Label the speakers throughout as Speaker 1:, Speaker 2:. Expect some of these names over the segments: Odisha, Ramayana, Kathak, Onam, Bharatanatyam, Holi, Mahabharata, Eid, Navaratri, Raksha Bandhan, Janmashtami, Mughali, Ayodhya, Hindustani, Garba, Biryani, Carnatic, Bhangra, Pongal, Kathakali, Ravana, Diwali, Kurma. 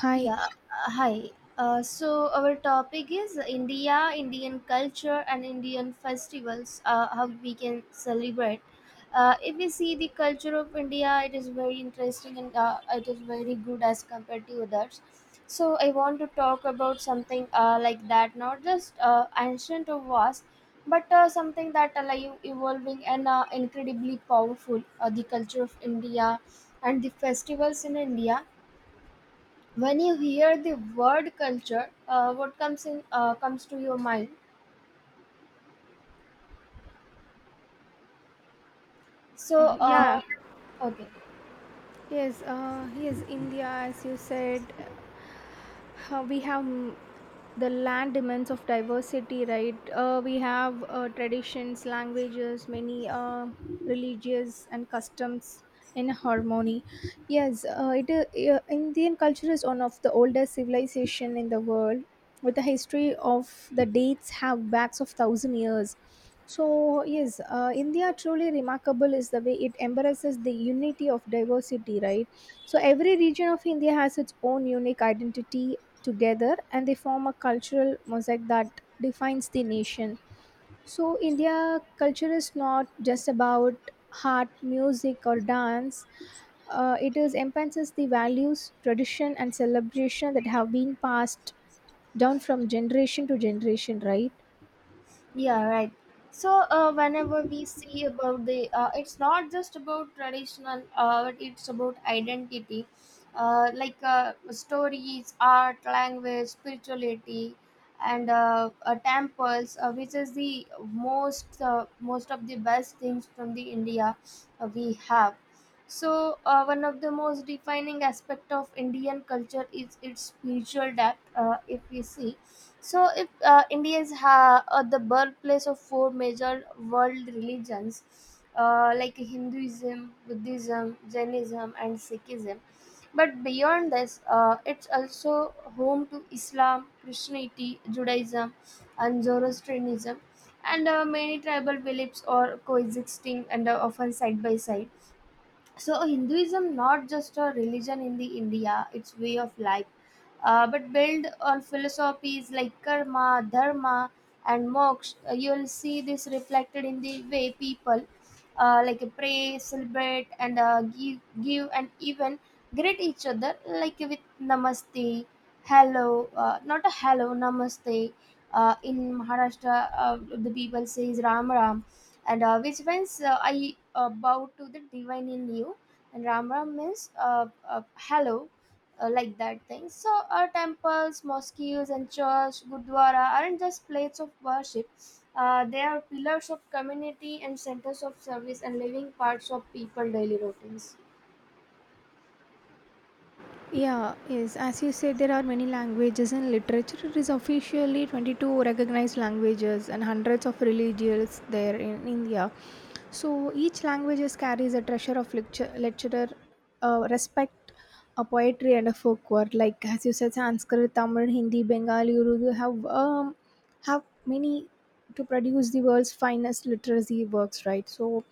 Speaker 1: Hi.
Speaker 2: Yeah, hi. So our topic is India, Indian culture, and Indian festivals. How we can celebrate. If we see the culture of India, it is very interesting, and it is very good as compared to others. So I want to talk about something, like that, not just ancient or vast, but something that are like evolving and incredibly powerful. The culture of India and the festivals in India. When you hear the word culture, what comes to your mind?
Speaker 1: Uh,
Speaker 2: So
Speaker 1: yeah,
Speaker 2: okay.
Speaker 1: yes, India, as you said, we have the land demands of diversity, right? We have traditions, languages, many religious and customs in harmony. Yes, Indian culture is one of the oldest civilization in the world, with a history of the dates have backs of thousand years. So, yes, India truly remarkable is the way it embraces the unity of diversity, right? So, every region of India has its own unique identity together and they form a cultural mosaic that defines the nation. So, India culture is not just about art, music, or dance. It is enhances the values, tradition, and celebration that have been passed down from generation to generation, right?
Speaker 2: Yeah, right. So whenever we see about the, it's not just about traditional, but it's about identity, like, stories, art, language, spirituality, and temples, which is the most of the best things from the India. We have. So, one of the most defining aspect of Indian culture is its spiritual depth. If we see, so if India the birthplace of four major world religions, like Hinduism, Buddhism, Jainism, and Sikhism. But beyond this, it's also home to Islam, Christianity, Judaism, and Zoroastrianism, and many tribal beliefs are coexisting and are often side by side. So Hinduism, not just a religion in the India, it's way of life, but build on philosophies like karma, dharma, and moksha. You'll see this reflected in the way people, like pray, celebrate, and give, and even greet each other, like with namaste, hello, not a hello, namaste. In Maharashtra, uh, the people says Ram Ram, and which means, I, bow to the divine in you, and Ram Ram means, hello, like that thing. So our temples, mosques, and church, gurdwara aren't just places of worship. They are pillars of community and centers of service and living parts of people daily routines.
Speaker 1: Yeah, yes. As you said, there are many languages and literature. It is officially 22 recognized languages and hundreds of religions there in India. So each language carries a treasure of lecture, lecturer respect, a poetry and a folk word. Like as you said, Sanskrit, Tamil, Hindi, Bengali, Urdu have many to produce the world's finest literacy works, right? So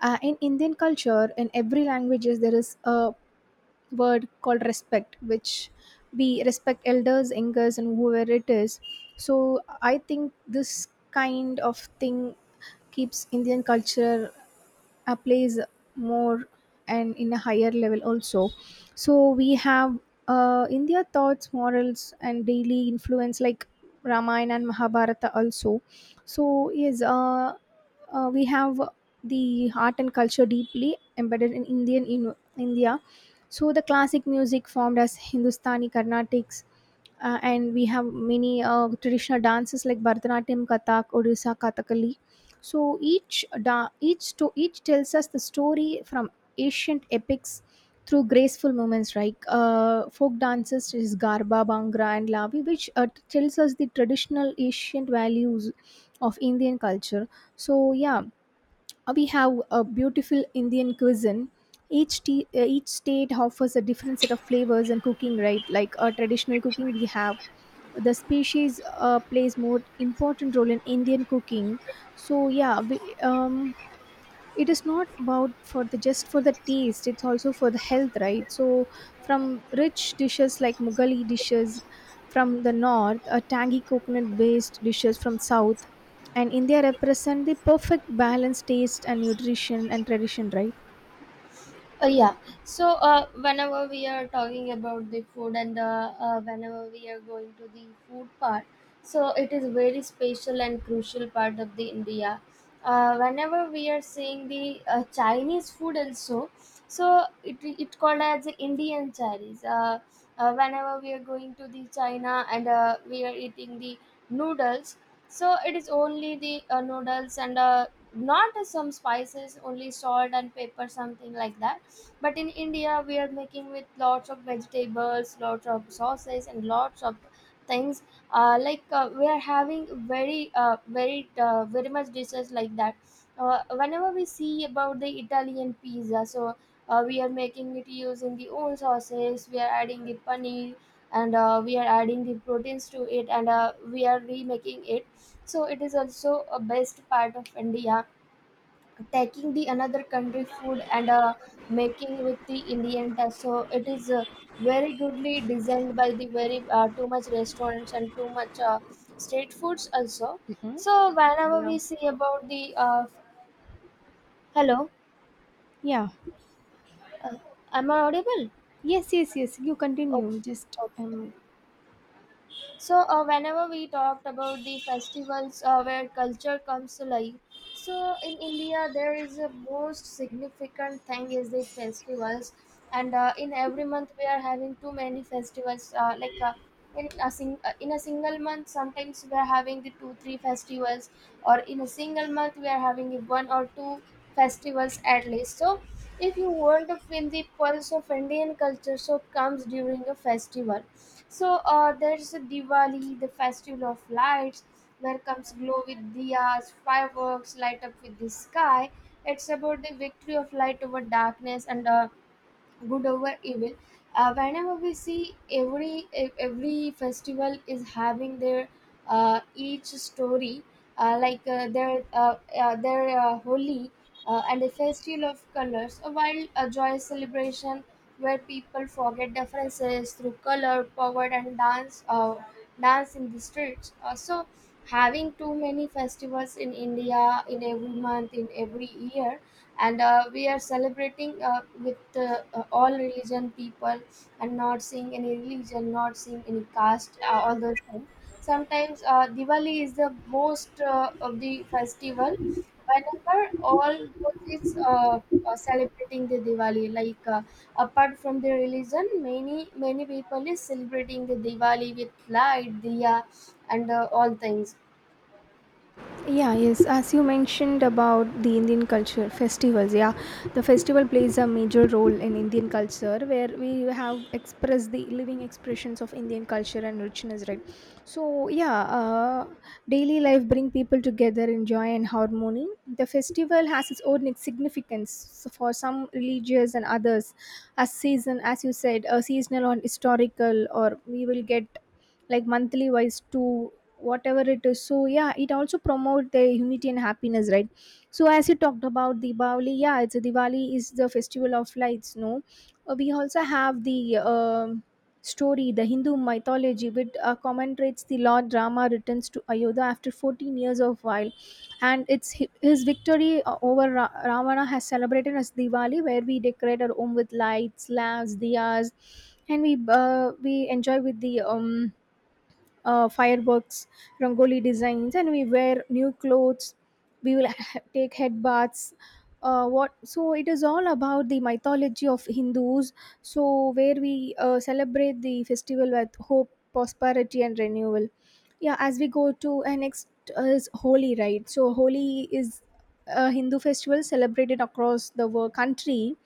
Speaker 1: uh, in Indian culture, in every languages there is a word called respect which we respect elders, and whoever it is. So I think this kind of thing keeps Indian culture plays more and in a higher level also. So we have in their thoughts morals and daily influence like Ramayana and Mahabharata also. So we have the art and culture deeply embedded in Indian in India. So the classic music formed as Hindustani Carnatics, and we have many traditional dances like Bharatanatyam, Kathak, Odisha, Kathakali, so each da- each to each tells us the story from ancient epics through graceful movements like folk dances is garba, bhangra, and lavi, which tells us the traditional ancient values of Indian culture. So yeah, we have a beautiful Indian cuisine. Each state offers a different set of flavors and cooking, right? Like traditional cooking, we have the species plays more important role in Indian cooking. So it is not about for the just for the taste, it's also for the health, right? So from rich dishes like Mughali dishes from the north, a tangy coconut based dishes from south, and India represent the perfect balanced taste and nutrition and tradition, right?
Speaker 2: Yeah. So whenever we are talking about the food, and whenever we are going to the food part, so it is very special and crucial part of the India. Whenever we are seeing the, Chinese food also, so it called as the Indian Chinese. Whenever we are going to the China, and we are eating the noodles, so it is only the noodles, and not some spices, only salt and pepper, something like that, but in India, we are making with lots of vegetables, lots of sauces, and lots of things. Like we are having very, very, very much dishes like that. Whenever we see about the Italian pizza, so we are making it using the own sauces. We are adding the paneer, and we are adding the proteins to it, and we are remaking it. So it is also a best part of India, taking the another country food, and making with the Indian touch. So it is, very goodly designed by the very, too much restaurants and too much, street foods also. So whenever
Speaker 1: Yeah.
Speaker 2: we see about the, hello,
Speaker 1: Yeah.
Speaker 2: uh, am I audible?
Speaker 1: Yes, yes, yes. You
Speaker 2: Okay.
Speaker 1: continue. Just
Speaker 2: Okay.
Speaker 1: um
Speaker 2: So whenever we talked about the festivals, where culture comes to life, so in India there is a most significant thing is the festivals, and in every month we are having too many festivals. Like in a single month, sometimes we are having the two three festivals, or in a single month we are having one or two festivals at least. So if you want to feel the pulse of Indian culture, so comes during a festival. So there's a Diwali, the festival of lights, where comes glow with diyas, fireworks light up with the sky. It's about the victory of light over darkness, and good over evil. Whenever we see, every every festival is having their, each story, like their holy, and the festival of colors, a wild, a joyous celebration, where people forget differences through color power and dance, dance in the streets, so having too many festivals in India in every month in every year, and we are celebrating, with all religion people, and not seeing any religion, not seeing any caste, all those things. Sometimes, Diwali is the most, of the festival, whenever all those is, celebrating the Diwali, like, apart from the religion, many many people is celebrating the Diwali with light diya, and all things.
Speaker 1: Yeah, yes, as you mentioned about the Indian culture festivals, yeah, the festival plays a major role in Indian culture where we have expressed the living expressions of Indian culture and richness, right? So daily life bring people together in joy and harmony. The festival has its own significance. So for some religious and others, as season as you said, a seasonal or historical or we will get like monthly wise to whatever it is. So yeah, it also promote the unity and happiness, right? So as you talked about Diwali, yeah, it's a Diwali is the festival of lights, no. We also have the story the Hindu mythology which commemorates the lord Rama returns to Ayodhya after 14 years of while, and his victory over Ravana has celebrated as Diwali, where we decorate our home with lights, lamps, diyas, and we enjoy with the fireworks, rangoli designs, and we wear new clothes. We will take head baths. What so it is all about the mythology of Hindus. So where we celebrate the festival with hope, prosperity, and renewal. Yeah, as we go to and next is Holi, right? So Holi is a Hindu festival celebrated across the world country.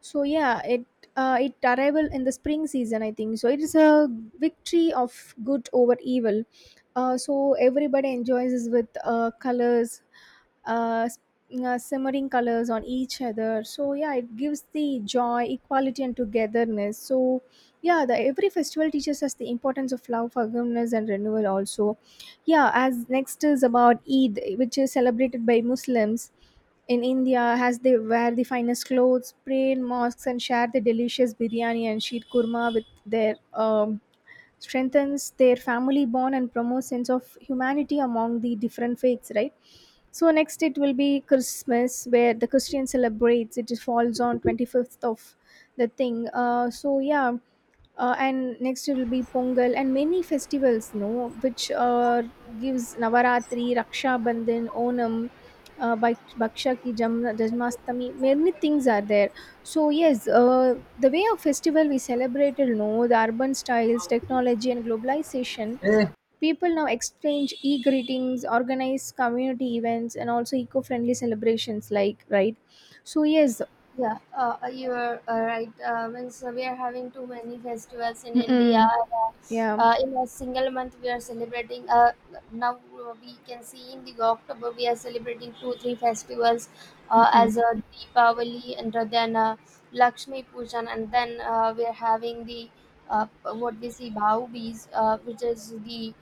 Speaker 1: So it arrival in the spring season, I think so it is a victory of good over evil. So everybody enjoys this with colors, uh, s- simmering colors on each other. So yeah, it gives the joy equality and togetherness. So yeah, the every festival teaches us the importance of love forgiveness and renewal also. Yeah, as next is about Eid which is celebrated by Muslims in India as they wear the finest clothes, pray in mosques, and share the delicious biryani and sheet kurma with their strengthens their family bond and promotes sense of humanity among the different faiths, right? So next it will be Christmas, where the Christian celebrates. It falls on 25th of the thing. So and next it will be Pongal and many festivals, no, which gives Navaratri, Raksha Bandhan, Onam, Baksha Ki Janmashtami. Many things are there. So yes, the way of festival we celebrated, no, the urban styles, technology, and globalization. People now exchange e greetings, organize community events, and also eco friendly celebrations, like, right? So, yes.
Speaker 2: Yeah, you are, right. Means we are having too many festivals in India.
Speaker 1: Mm-mm.
Speaker 2: Uh,
Speaker 1: Yeah.
Speaker 2: uh, in a single month, we are celebrating. Now we can see in the October we are celebrating two three festivals, as
Speaker 1: Mm.
Speaker 2: Deepavali, and then Lakshmi Pujan, and then we are having the, uh, what we see, Bhau Bees, which is the,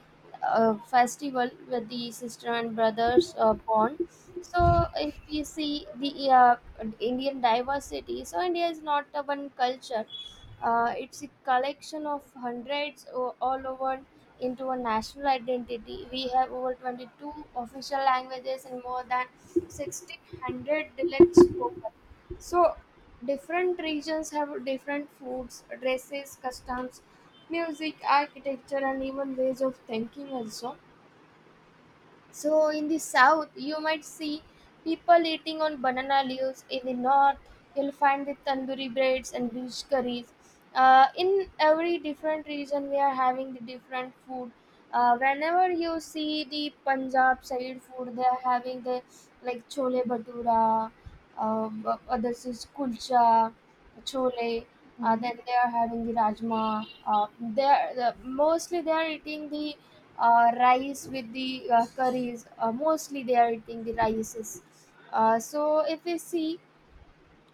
Speaker 2: festival where the sister and brothers, born. So if you see the, Indian diversity. So India is not a one culture. It's a collection of hundreds all over into a national identity. We have over 22 official languages and more than 1600 dialects spoken. So different regions have different foods, dresses, customs, music, architecture, and even ways of thinking also. So in the south, you might see people eating on banana leaves. In the north, you'll find the tandoori breads and beach curries. In every different region, we are having the different food. Whenever you see the Punjab side food, they are having the like chole bhatura, others is kulcha, chole. Uh,
Speaker 1: Mm.
Speaker 2: then they are having the rajma. They are, the, mostly they are eating the rice with the curries. Mostly they are eating the rices. So if we see,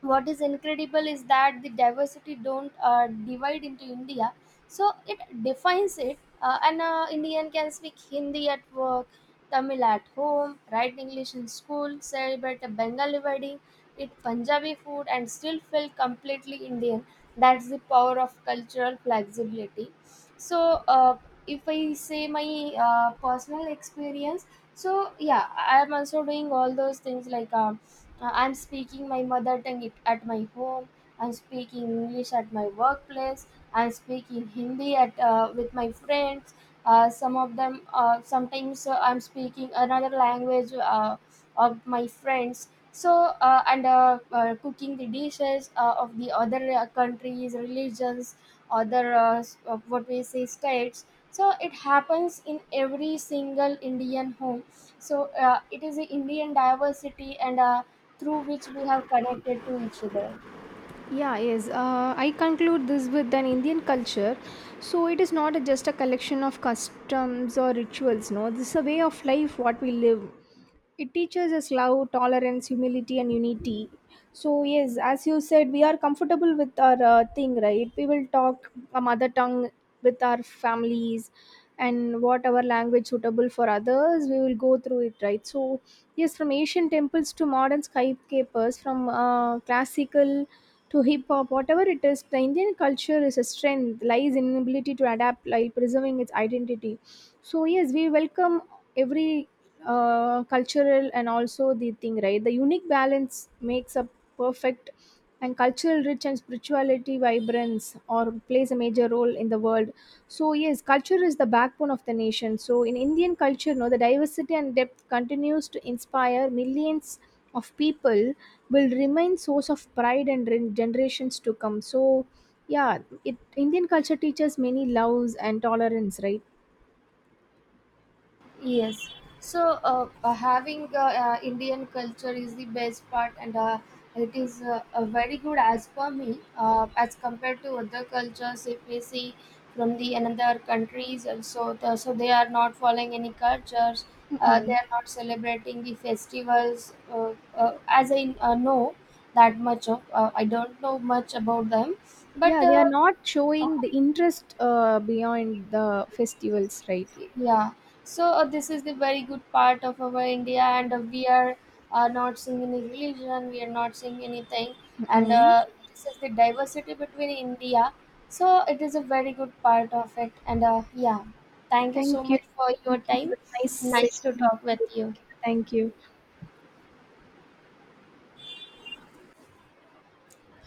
Speaker 2: what is incredible is that the diversity don't divide into India, so it defines it. An Indian can speak Hindi at work, Tamil at home, write English in school, celebrate a Bengali wedding, eat Punjabi food, and still feel completely Indian. That's the power of cultural flexibility. So uh, if I say my, personal experience, so yeah, I am also doing all those things, like I'm speaking my mother tongue, at my home. I'm speaking English at my workplace. I'm speaking Hindi at with my friends. Some of them, sometimes I'm speaking another language of my friends. So and cooking the dishes of the other, countries, religions, other, what we say, states. So it happens in every single Indian home. So it is the Indian diversity, and, through which we have connected to each other.
Speaker 1: Yeah, yes. I conclude this with an Indian culture. So it is not a- just a collection of customs or rituals. No, this is a way of life what we live. It teaches us love tolerance humility and unity. So yes, as you said, we are comfortable with our thing, right? We will talk a mother tongue with our families, and whatever language suitable for others we will go through it, right? So yes, from ancient temples to modern skyscrapers, from classical to hip hop, whatever it is, the Indian culture is a strength lies in ability to adapt while preserving its identity. So yes, we welcome every cultural and also the thing, right? The unique balance makes a perfect and cultural rich and spirituality vibrance or plays a major role in the world. So yes, culture is the backbone of the nation. So in Indian culture, no, the diversity and depth continues to inspire millions of people, will remain source of pride and generations to come. So yeah, it Indian culture teaches many loves and tolerance, right?
Speaker 2: Yes. So having Indian culture is the best part, and it is, very good as per me. As compared to other cultures, if we see from the another countries, also the, so they are not following any cultures. They
Speaker 1: Mm-mm.
Speaker 2: are not celebrating the festivals. As I know that much of, I don't know much about them, but
Speaker 1: Yeah, they are not
Speaker 2: uh,
Speaker 1: showing the interest beyond the festivals, right?
Speaker 2: yeah. So this is the very good part of our India, and we are, not seeing any religion, we are not seeing anything, and
Speaker 1: Mm-mm.
Speaker 2: this is the diversity between India. So it is a very good part of it, and yeah, thank you so
Speaker 1: Thank you.
Speaker 2: much for your
Speaker 1: Thank you. It
Speaker 2: time.
Speaker 1: was nice
Speaker 2: Nice to
Speaker 1: session.
Speaker 2: talk with you.
Speaker 1: Thank you. Thank you.